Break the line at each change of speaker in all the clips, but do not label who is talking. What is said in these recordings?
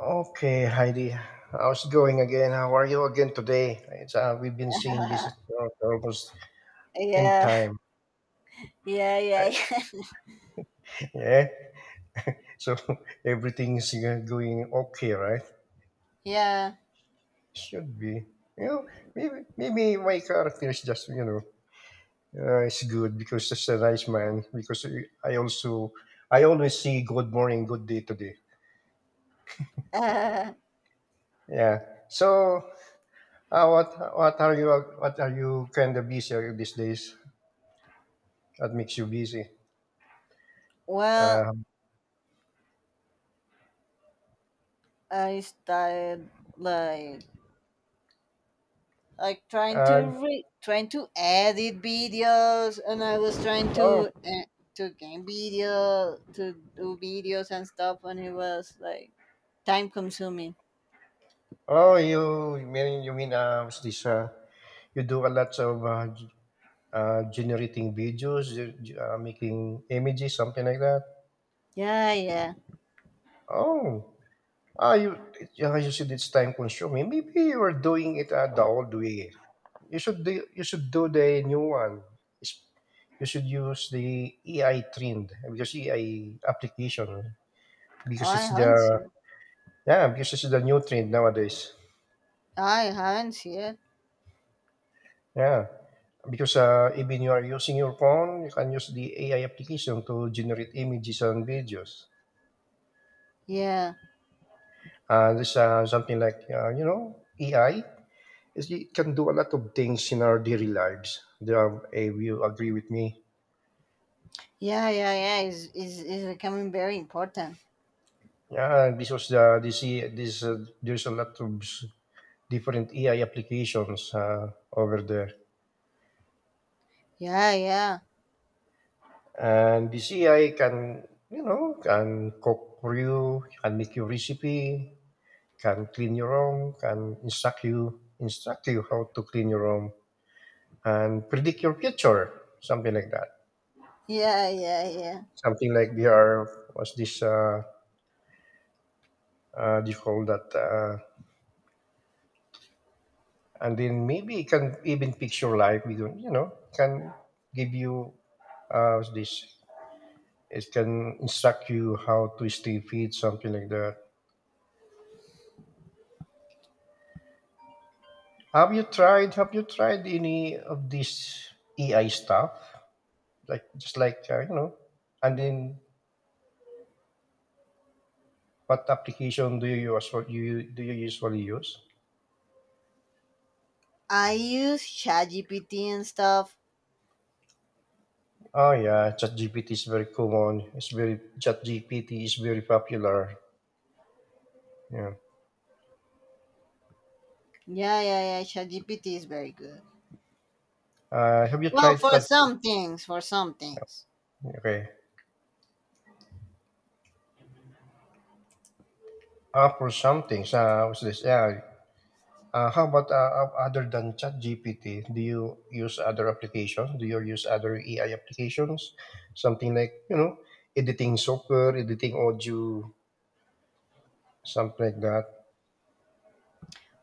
Okay, Heidi. How's it going again? How are you again today? We've been seeing this for almost in
yeah,
time.
yeah, yeah,
Yeah. So everything's going okay, right?
yeah.
Should be. You know, maybe my character is just it's good because it's a nice man. Because I also I always see good morning, good day today.
Uh,
Yeah. So uh, what what are you what are you kind of busy these days? What makes you busy?
well,
Uh,
I started like like trying to
Uh,
edit videos, and I was trying
oh,
to game video to do videos and stuff, and it was like time consuming.
oh, you you mean what's this? You do a lot of generating videos, making images, something like that.
Yeah, yeah.
Oh, ah, you yeah, you said it's time consuming. Maybe you are doing it the old way. You should do the new one. It's- You should use the AI trend because AI application
Oh,
because it's the yeah because it's the new trend nowadays.
I haven't seen it.
Yeah, because even you are using your phone, you can use the AI application to generate images and videos.
Yeah,
This Something like AI. Is It can do a lot of things in our daily lives. Do you, you agree with me?
yeah, yeah, yeah. Is becoming very important.
Yeah, because was the this eh, this there's a lot of different AI applications over there,
Yeah, yeah,
and this AI can, can cook for you, can make your recipe, can clean your room, can instruct you how to clean your room, and predict your future, something like that.
yeah, yeah, yeah.
Something like VR, was this this called that, and then maybe it can even fix your life. We don't, you know, can give you what's this. It can instruct you how to stay fit, something like that. Have you tried any of this AI stuff? Like, just like, you know, and then what application do you do you, usually use?
I use ChatGPT and stuff.
Oh yeah, ChatGPT is very common. It's very ChatGPT is very popular. Yeah.
Yeah, yeah, yeah. ChatGPT is very good.
Have you
Well,
tried ChatGPT?
for some things.
Okay. For some things, what's this? yeah. How about, other than ChatGPT? Do you use other applications? Do you use other AI applications? Something like, you know, editing software, editing audio, something like that.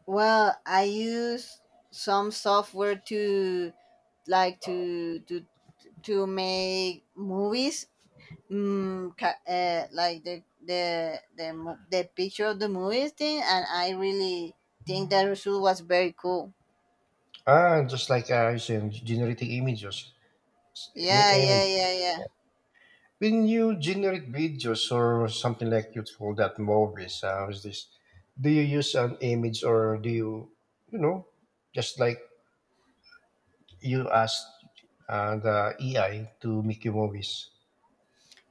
Well, I use some software to like to make movies. Like the picture of the movies thing, and I really think that result was very cool.
Ah, just like, you said, generating images,
Yeah, yeah,
images.
yeah, yeah.
When you generate videos or something like you call that movies, how's this? Do you use an image or do you, you know, just like you asked the AI to make your movies?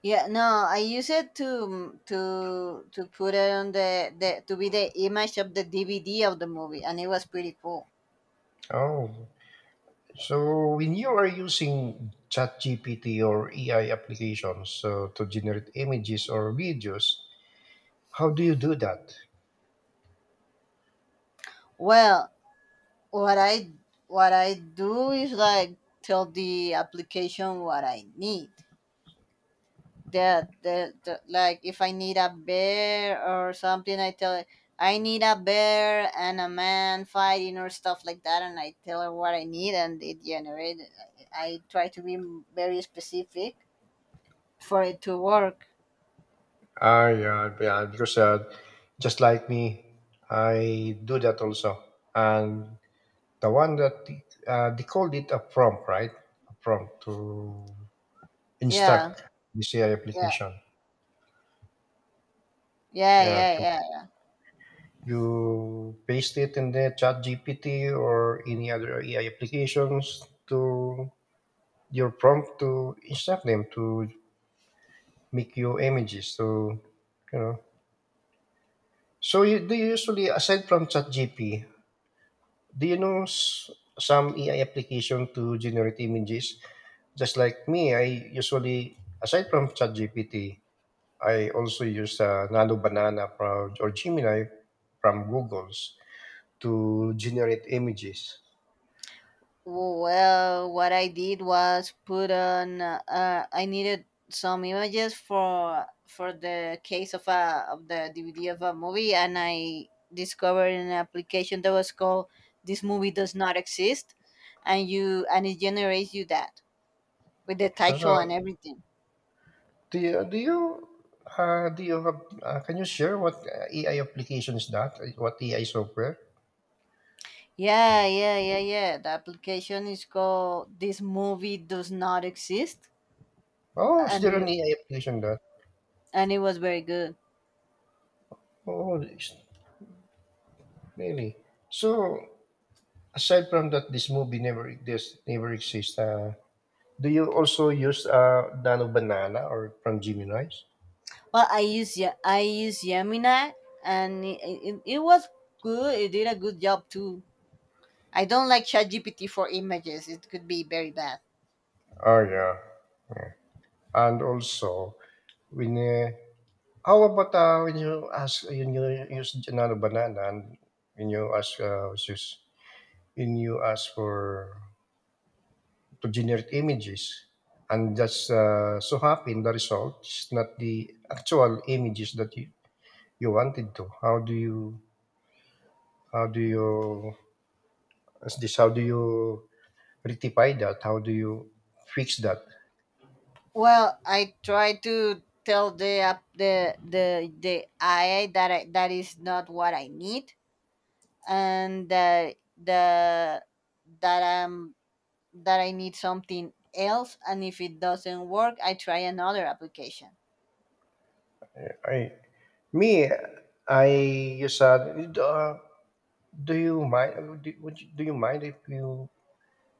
Yeah, no, I use it to put it on the to be the image of the DVD of the movie, and it was pretty cool.
Oh, so when you are using ChatGPT or AI applications so to generate images or videos, how do you do that?
Well, what I what I do is like tell the application what I need. That the like if I need a bear or something, I tell it I need a bear and a man fighting or stuff like that, and I tell her what I need, and it generates. I try to be very specific for it to work.
Ah, yeah, yeah because just like me, I do that also, and the one that they called it a prompt, right? A prompt to
Yeah,
instruct this AI
yeah,
application.
yeah,
Yeah,
yeah, yeah, yeah.
you paste it in the Chat GPT or any other AI applications to your prompt to instruct them to make you images. So, you know. So you, do you usually, aside from Chat GP, do you know some AI application to generate images? Just like me, I usually, aside from Chat GPT, I also use Nano Banana from, or Gemini from Google's to generate images.
Well, what I did was put on. I needed some images for the case of a of the DVD of a movie, and I discovered an application that was called "This Movie Does Not Exist," and you and it generates you that with the title
So,
and everything.
do you, do you, do you have, can you share what AI application is that? What AI software?
Yeah, yeah, yeah, yeah. The application is called "This Movie Does Not Exist,"
Oh, is
and
there an
it
AI application that?
and it was very good.
Oh, really? So, aside from that, this never exists. Do you also use Nano Banana or from Gemini's?
Well, I use Gemini, and it was good. It did a good job too. I don't like ChatGPT for images. It could be very bad.
Oh, yeah. Yeah. And also, when, how about, when you ask, when you use another banana, and when you ask, when you ask for, to generate images, and just so happen the result is not the actual images that you wanted to. How do you, how do you rectify that? How do you fix that?
Well, I try to tell the app the AI that is not what I need, and that I'm that I need something else. And if it doesn't work, I try another application.
I, me, I you said, do you mind, do, would you, do you mind if you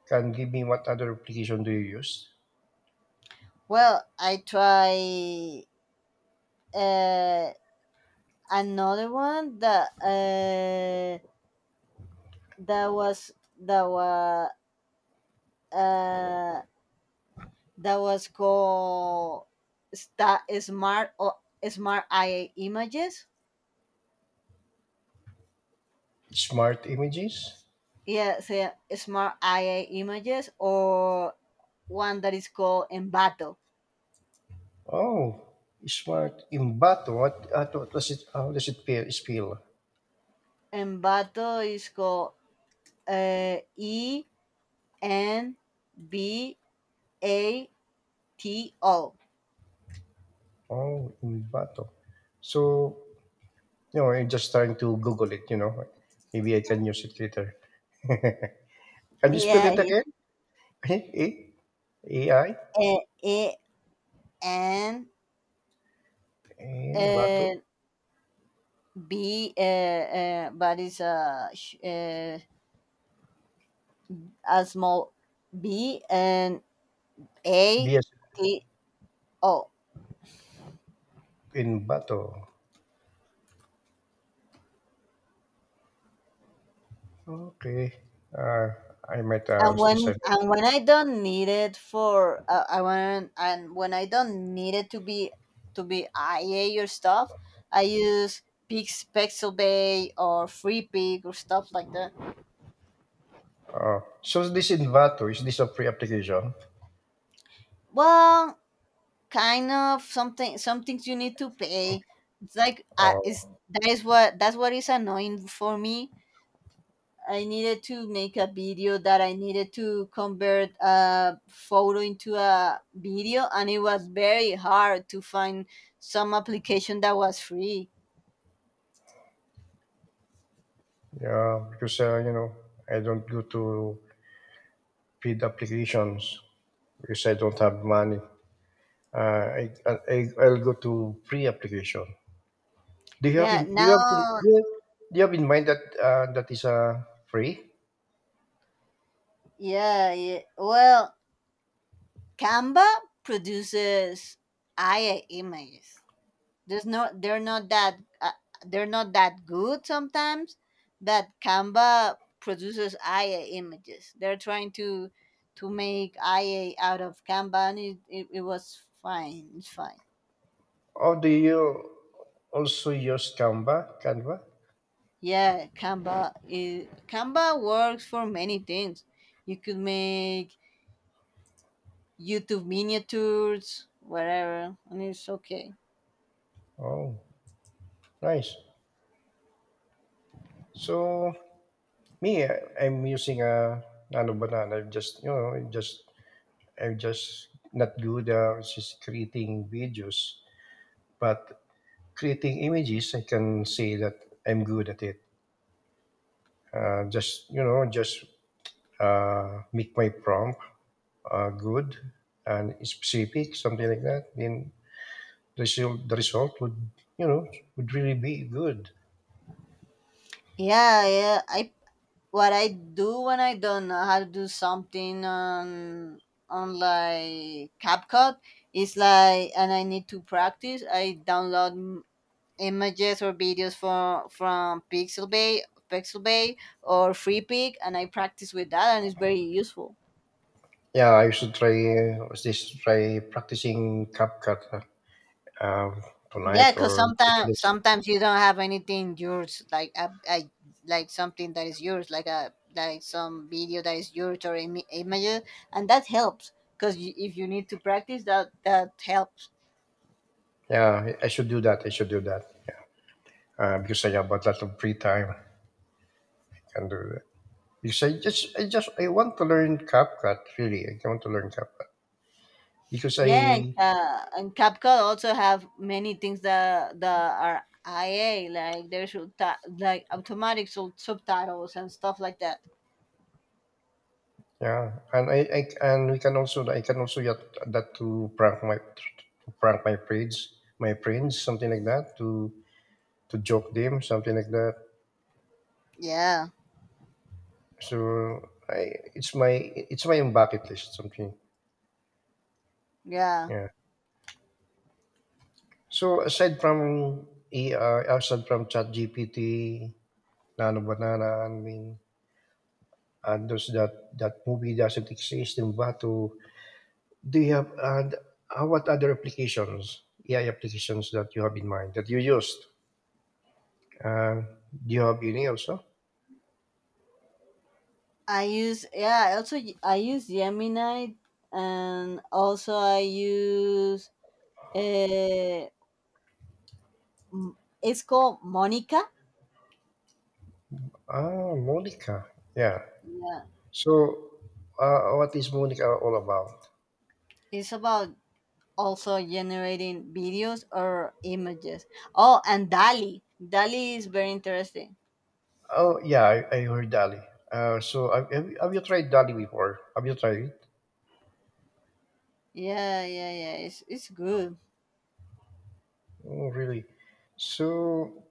can give me what other application do you use?
Well, I try. Uh, Another one that that was that was uh that was called sta smart or smart IA images.
Smart images?
Yeah, so smart IA images or one that is called Embato.
Oh, smart Imbato. What does it? How does it feel?
Embato is called Embato.
Oh, Imbato. So, you know, I'm just trying to Google it. You know, maybe I can use it later. Can you spell
Yeah,
it
yeah.
again? A A I
E N
in Bato.
uh, B. But it's a small b and a
B S
t o.
in Bato. Okay. Uh, I might
and
was
when
decided.
and when I don't need it for I want and when I don't need it to be ia or stuff. I use pixelbay or free pig or stuff like that.
Oh, so this in Bato is this a free application?
Well, kind of something, some things you need to pay. It's like is
Oh.
that is what that's what is annoying for me. I needed to make a video that I needed to convert a photo into a video, and it was very hard to find some application that was free.
Yeah, because, you know, I don't go to paid applications because I don't have money. Uh, I, I I'll go to free application. Do you have
Yeah,
in do you have in,
now,
do you have in mind that that is free?
yeah, yeah. Well, Canva produces AI images. There's no They're not that they're not that good sometimes, but Canva produces ia images. They're trying to make ia out of Canva, and it was fine. It's fine.
Or do you also use Canva? Canva?
Yeah, Canva works for many things. You could make YouTube miniatures, whatever, and it's okay.
Oh, nice. So me, I'm using a nano banana. I'm just not good at just creating videos, but creating images, I can say that I'm good at it. Just, you know, just make my prompt good and specific, something like that. Then the result would, you know, would really be good.
Yeah, yeah. I What I do when I don't know how to do something on like CapCut is like, and I need to practice. I download images or videos from Pixelbay or FreePic, and I practice with that, and it's very useful.
Yeah, I should try just try practicing CapCut, uh, um, tonight
Yeah, because
or
sometimes
this.
sometimes you don't have anything yours, like like something that is yours, like a like some video that is yours or images, and that helps. Because if you need to practice, that helps.
Yeah, I should do that. I should do that. Yeah, because I have a lot of free time. Can do that. Because I want to learn CapCut really. I want to learn CapCut because
Yeah, and,
I,
uh, and CapCut also have many things that are IA, like there's like automatic subtitles and stuff like that.
yeah, and I and we can also, I can also get that to prank my friends, something like that to joke them, something like that.
Yeah,
So I it's my bucket list something.
yeah.
Yeah. So aside from AI, aside from ChatGPT, Nano Banana, I mean, and those, that that movie doesn't exist in Batu. Do you have and how what other applications, AI applications that you have in mind that you used? Uh, do you have any also?
I use Yeah. I also I use Gemini, and also I use uh, it's called Monica.
Ah, Monica. Yeah.
Yeah,
So, what is Monica all about?
it's about also generating videos or images. Oh, and Dali. Dali is very interesting.
Oh, yeah, I heard Dali. So, have you tried Dali before? Have you tried it?
Yeah, yeah, yeah. It's good.
Oh, really? So,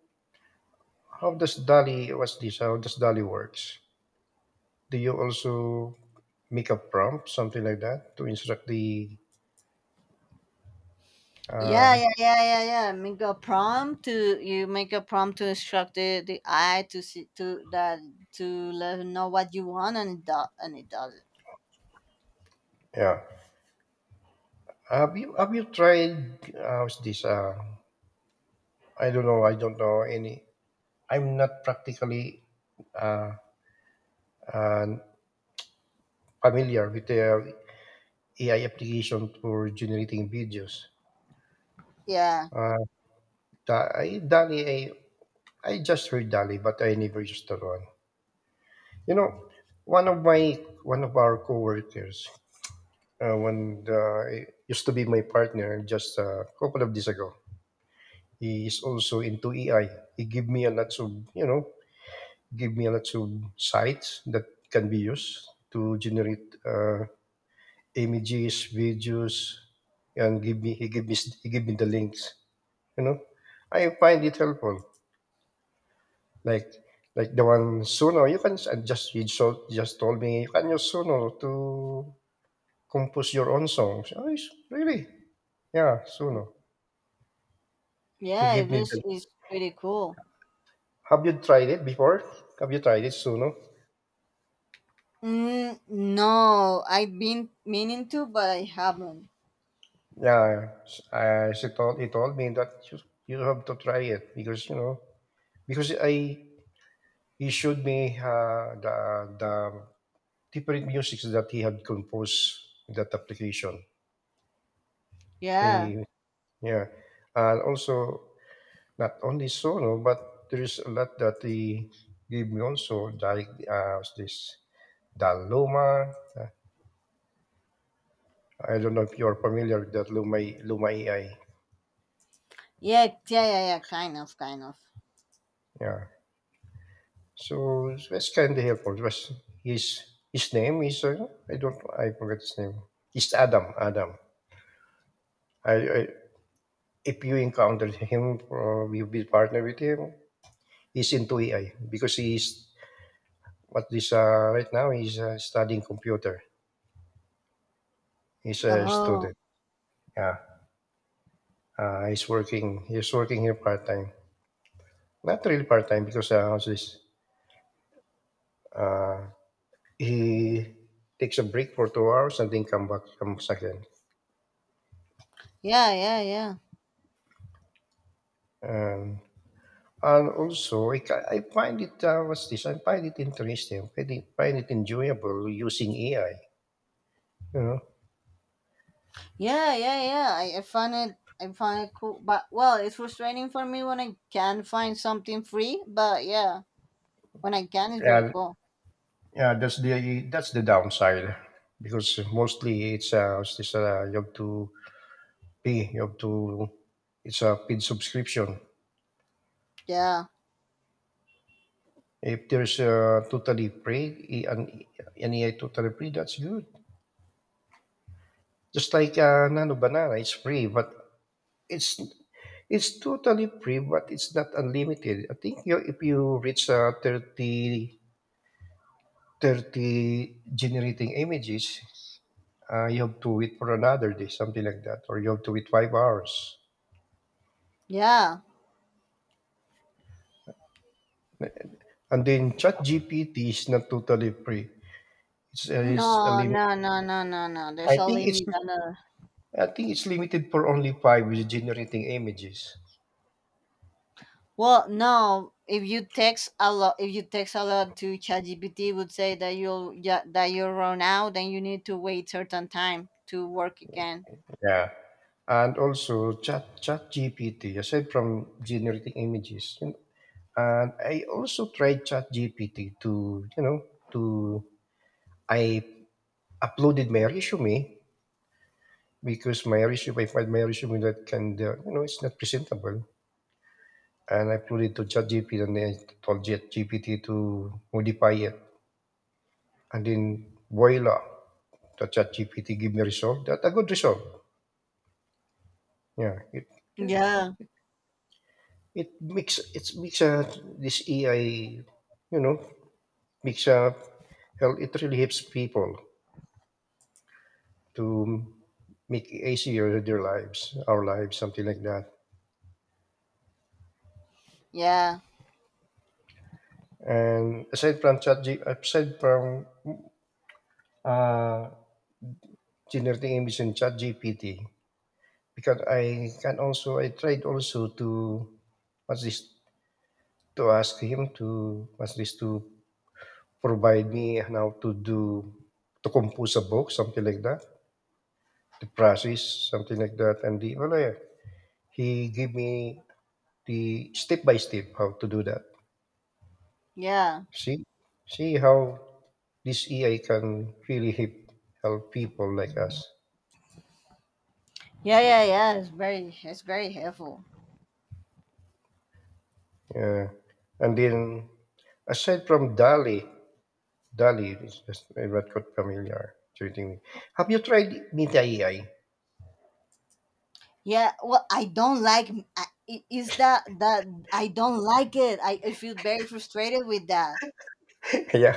how does Dali, what's this? how does Dali works? Do you also make a prompt, something like that, to instruct the,
Yeah,
uh,
yeah, yeah, yeah, yeah. Make a prompt to You make a prompt to instruct the eye to see to that to let it know what you want, and it does.
yeah. Have you tried, how's this? I don't know. I don't know any. I'm not practically, uh, uh, familiar with the AI application for generating videos.
Yeah,
Uh, Dali, I just heard Dali, but I never used that one. You know, one of our coworkers, when used to be my partner, just a couple of days ago, he is also into AI. He gave me a lot of, you know, give me lots of sites that can be used to generate images, videos, and give me he give me he give me the links. You know, I find it helpful. Like like the one, Suno, you can s- and just he so just told me you can use Suno to compose your own songs. Oh, really? Yeah, Suno. He
yeah,
gave me the.
it's pretty cool.
Have you tried it before? Have you tried it, Suno?
Mm, no, I've been meaning to, but I haven't.
Yeah, s- she told he told me that you have to try it because, you know, because I, he showed me the different musics that he had composed in that application.
Yeah,
He, yeah, and also, not only solo, but there is a lot that he gave me also like this the Luma. I don't know if you're familiar with that Luma AI.
yeah, yeah, yeah, yeah, kind of, kind of.
Yeah. So it's kind of helpful. It was his his name is, I don't I forget his name. It's Adam. I if you encountered him, you be partner with him. He's into AI because he's what this, right now. He's, studying computer. He's a
Oh,
student. Yeah. He's working. He's working here part time. Not really part time because, how's this? Uh, he takes a break for 2 hours and then comes again.
yeah, yeah, yeah,
Um, And also, I find it, what's this? I find it interesting. I find it enjoyable using AI. You know,
yeah, yeah, yeah. I found it cool, but well, it's frustrating for me when I can't find something free. But yeah, when I can, it's very
yeah,
cool.
yeah. That's the, that's the downside because mostly it's, what's this? You have to pay. You have to. It's a paid subscription.
Yeah,
If there's a totally free, an AI totally free, that's good. Just like, Nano Banana, it's free, but It's it's totally free, but it's not unlimited. I think you, if you reach, 30 generating images, you have to wait for another day, something like that, or you have to wait 5 hours.
yeah.
And then ChatGPT is not totally free. It's a
No,
limit.
no, no, no, no, no.
I
There's a
think it's
limit.
I think it's limited for only five with generating images.
Well, no. If you text a lot, If you text a lot to ChatGPT, it would say that that you'll run out and you need to wait certain time to work again.
Yeah. And also chat GPT, aside from generating images, and I also tried ChatGPT to, to I uploaded my resume because my resume, I find my resume that can, it's not presentable. And I uploaded to ChatGPT and then I told ChatGPT to modify it. And then voila, the ChatGPT give me result. That a good result. Yeah, it,
Yeah,
it makes a This AI, you know, makes a well, it really helps people to make easier their lives, our lives, something like that.
yeah,
And aside from uh, generating images in chat GPT, because I tried also to, what's this, to ask him to, to provide me how to do, to compose a book, something like that, the process, something like that. And yeah, he gave me the step by step how to do that.
yeah,
See, see how this AI can really help people like us.
yeah, yeah, yeah. It's very helpful.
Yeah. And then aside from Dali, Dali is just I'm not quite familiar. Treating me. Have you tried Meta AI?
Yeah. Well, I don't like. Is that I don't like it? I feel very frustrated with that.
Yeah,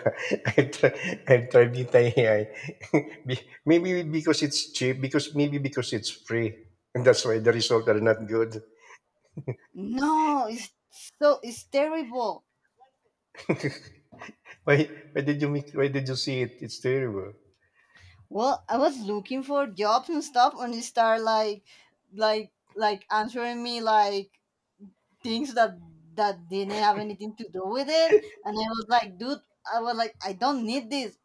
I've, tr- I've tried Meta AI. Maybe because it's cheap, because it's free, and that's why the results are not good.
No, it's terrible.
Why? Why did you see it? It's terrible.
Well, I was looking for jobs and stuff, and it started like answering me like things that didn't have anything to do with it, and I was like, dude, I was like, I don't need this.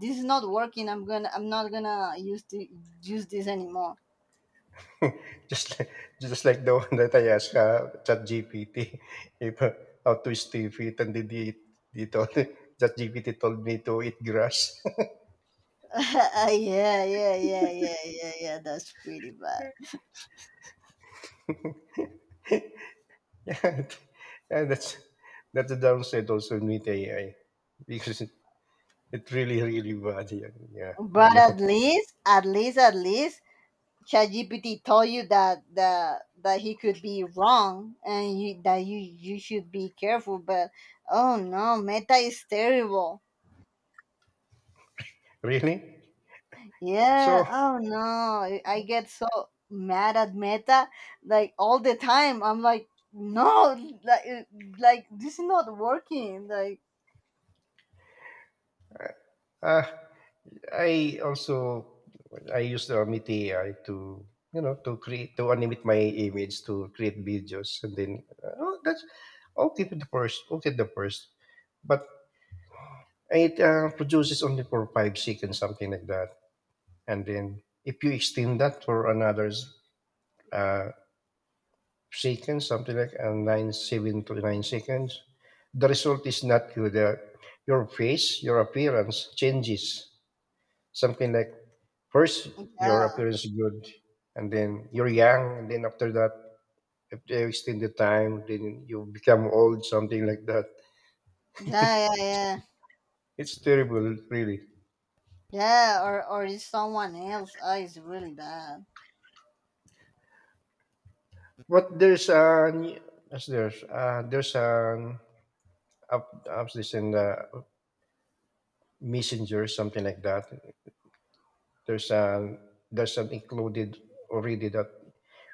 This is not working. I'm not gonna use this anymore.
Just like the one that I asked ChatGPT if how to stay fit, and he told, ChatGPT told me to eat grass.
Yeah, yeah, yeah, yeah, yeah, yeah. That's pretty bad.
yeah, it- yeah, that's the downside also in with AI because it really really bad. Yeah, yeah, I
But
know.
at least ChatGPT told you that he could be wrong and that you should be careful. But oh no, Meta is terrible.
Really? So,
Yeah. Oh no, I get so mad at Meta like all the time. I'm like, no, like uh, like this is not working. Like
uh, I also I use the Omiti AI to, you know, to create, to animate my image to create videos, and then oh that's okay to the first okay the first, but it produces only for 5 seconds, something like that, and then if you extend that for another uh, seconds, something like 9 7 to 9 seconds, the result is not good. Your face, your appearance changes. Something like first your
yeah,
appearance is good, and then you're young, and then after that, if they extend the time, then you become old, something like that.
yeah, yeah, yeah,
It's terrible, really.
yeah. Or is someone else? Oh, it's really bad.
But there's an as there's an up apps this in the messenger, something like that. There's an there's an included already that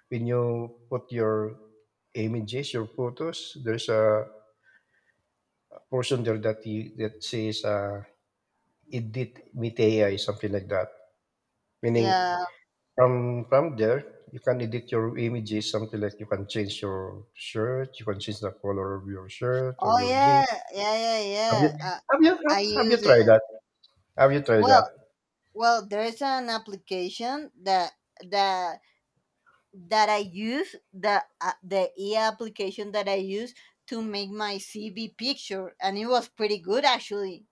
when you put your images, your photos, there's a portion there that says edit with AI, something like that.
Yeah.
Meaning from there you can edit your images, something like you can change your shirt, you can change the color of your shirt or
Oh
your dress.
yeah, yeah, yeah,
Have you
yeah. I
have you have,
I
have you
use
tried
it.
that? Have you tried
Well,
that?
well, there's an application that that I use the e application that I use to make my CV picture, and it was pretty good actually.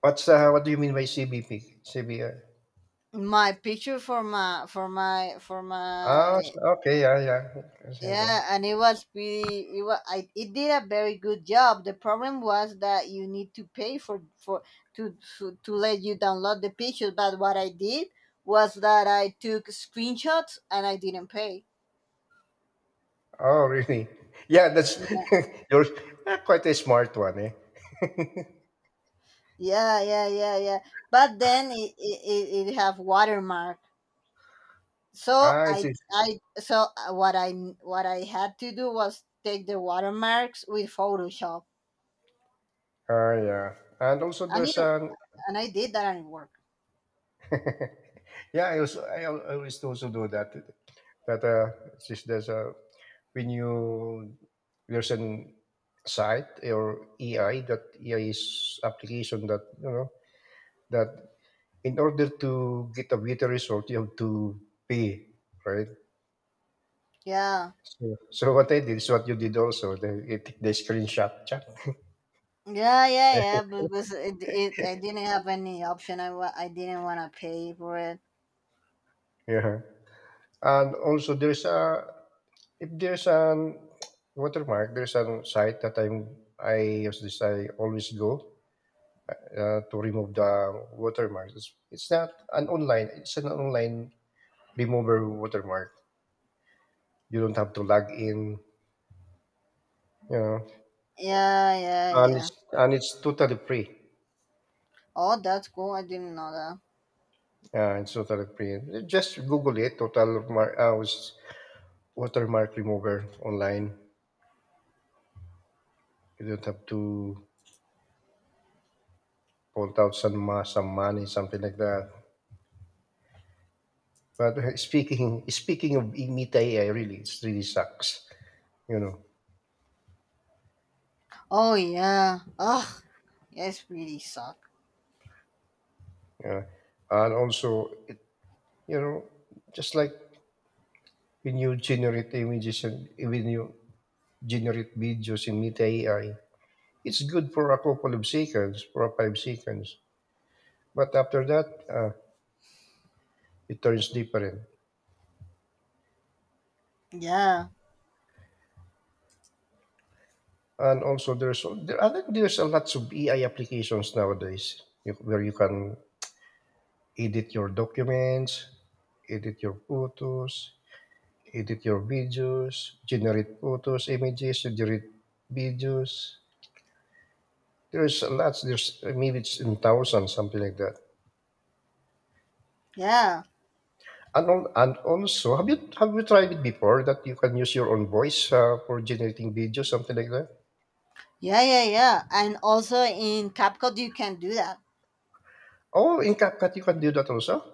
What's what do you mean by CBP? CBI?
My picture for
Ah, s-
my.
okay, yeah, yeah. Yes, yeah, yeah.
Yeah, and it was pretty. It did a very good job. The problem was that you need to pay for to let you download the picture. But what I did was that I took screenshots and I didn't pay.
Oh, really? Yeah, that's you're quite a smart one, eh?
Yeah, yeah, yeah, yeah. But then it have watermark. So
Ah, I see.
I so what I had to do was take the watermarks with Photoshop,
Ah, yeah. And also,
and
there's
it
an
and I did that, and it worked.
yeah, I also I always also do that. That it's just there's a, when you, there's an site or EI, that EI is application that, you know, that in order to get a better result you have to pay, right.
Yeah,
So what I did is what you did also. They screenshot.
yeah, yeah, yeah. Because it I didn't have any option. I didn't want to pay for it.
Yeah, and also there's a If there's an watermark, there's a site that I use. This I always go To remove the watermarks. It's not an online. It's an online remover watermark. You don't have to log in. You know,
Yeah, yeah,
and
yeah.
it's and it's totally free.
Oh, that's cool. I didn't know that.
It's totally free. Just Google it. Watermark remover online. You don't have to point out some money, something like that. But speaking of meet AI, really, it really sucks. You know,
Oh yeah. Ugh. Yes, really suck.
yeah. And also you know, just like when you generate images and when you generate videos in Meet AI, it's good for a couple of seconds, for 5 seconds. But after that, it turns different.
Yeah,
And also, there's there I think there's a lots of AI applications nowadays where you can edit your documents, edit your photos, edit your videos, generate photos, images, generate videos. There's a lot. There's maybe it's in thousands, something like that.
yeah.
And on, and also, have you tried it before that you can use your own voice for generating videos, something like that?
Yeah, yeah, yeah. And also in CapCut you can do that.
Oh, in CapCut you can do that also.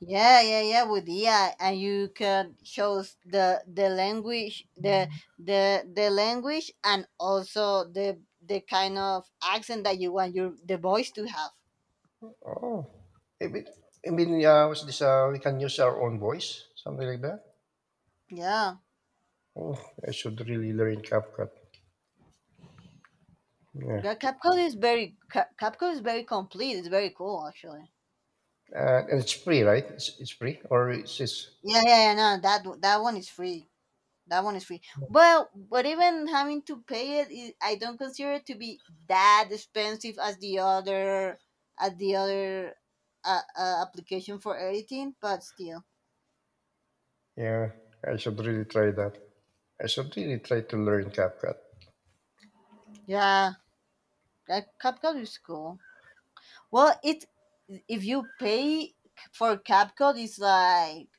Yeah, yeah, yeah, with AI, and you can shows the language, the language, and also the kind of accent that you want your the voice to have.
Oh, I mean, what's this, we can use our own voice, something like that.
Yeah.
Oh, I should really learn CapCut. Yeah,
Yeah, CapCut is very complete. It's very cool actually.
and it's free, right? It's free, or it's
Yeah, yeah, yeah. No, that one is free. That one is free. Well, but even having to pay it, I don't consider it to be that expensive as as the other application for editing. But still,
Yeah, I should really try that. I should really try to learn CapCut.
yeah, that CapCut is cool. Well, it if you pay for CapCut, it's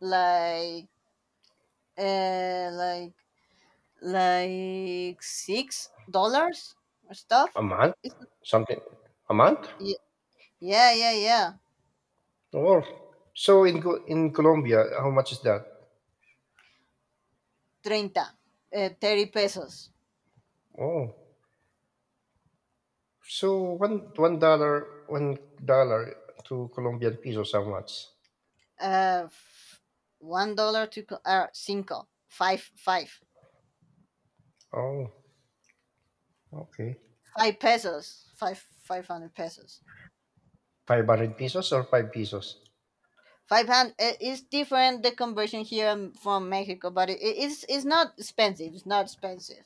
like uh like like $6 or
A
stuff.
month?
It's,
Something? A month?
yeah, yeah, yeah, yeah.
Oh, so in Colombia, how much is that?
Treinta, 30 pesos.
Oh, so $1 to Colombian pesos, how much?
Uh, f- $1 to co- cinco five, five
Oh, okay,
five pesos, five hundred pesos,
500 pesos or five pesos?
500 is different, the conversion here from Mexico, but it's not expensive. It's not expensive.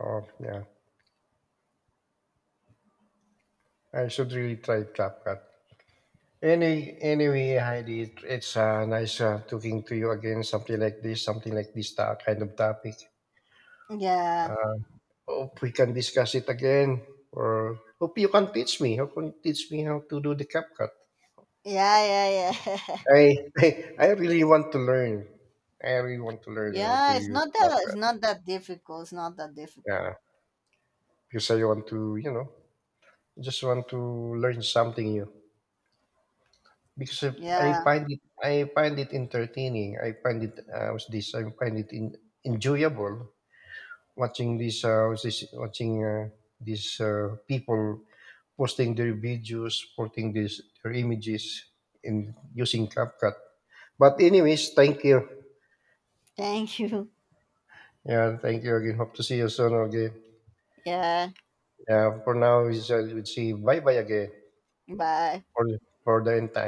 Oh, yeah, I should really try CapCut. Anyway, Heidi, it's nice talking to you again. Something like this, kind of topic.
Yeah,
Hope we can discuss it again, or hope you can teach me. Hope you teach me how to do the CapCut.
yeah, yeah, yeah.
I, I really want to learn. I really want to learn how to
Yeah,
use
it's
CapCut.
not that difficult. It's not that difficult.
Yeah, because I want to, you know, just want to learn something new. Because I
Yeah.
find it, I find it entertaining. I find it, what's this? I find it enjoyable. Watching these what's this watching these people posting their videos, posting these their images in using CapCut. But anyways, thank you.
Thank you.
Yeah, thank you again. Hope to see you soon again.
Yeah.
Yeah, for now, we see bye bye again
Bye.
for the entire.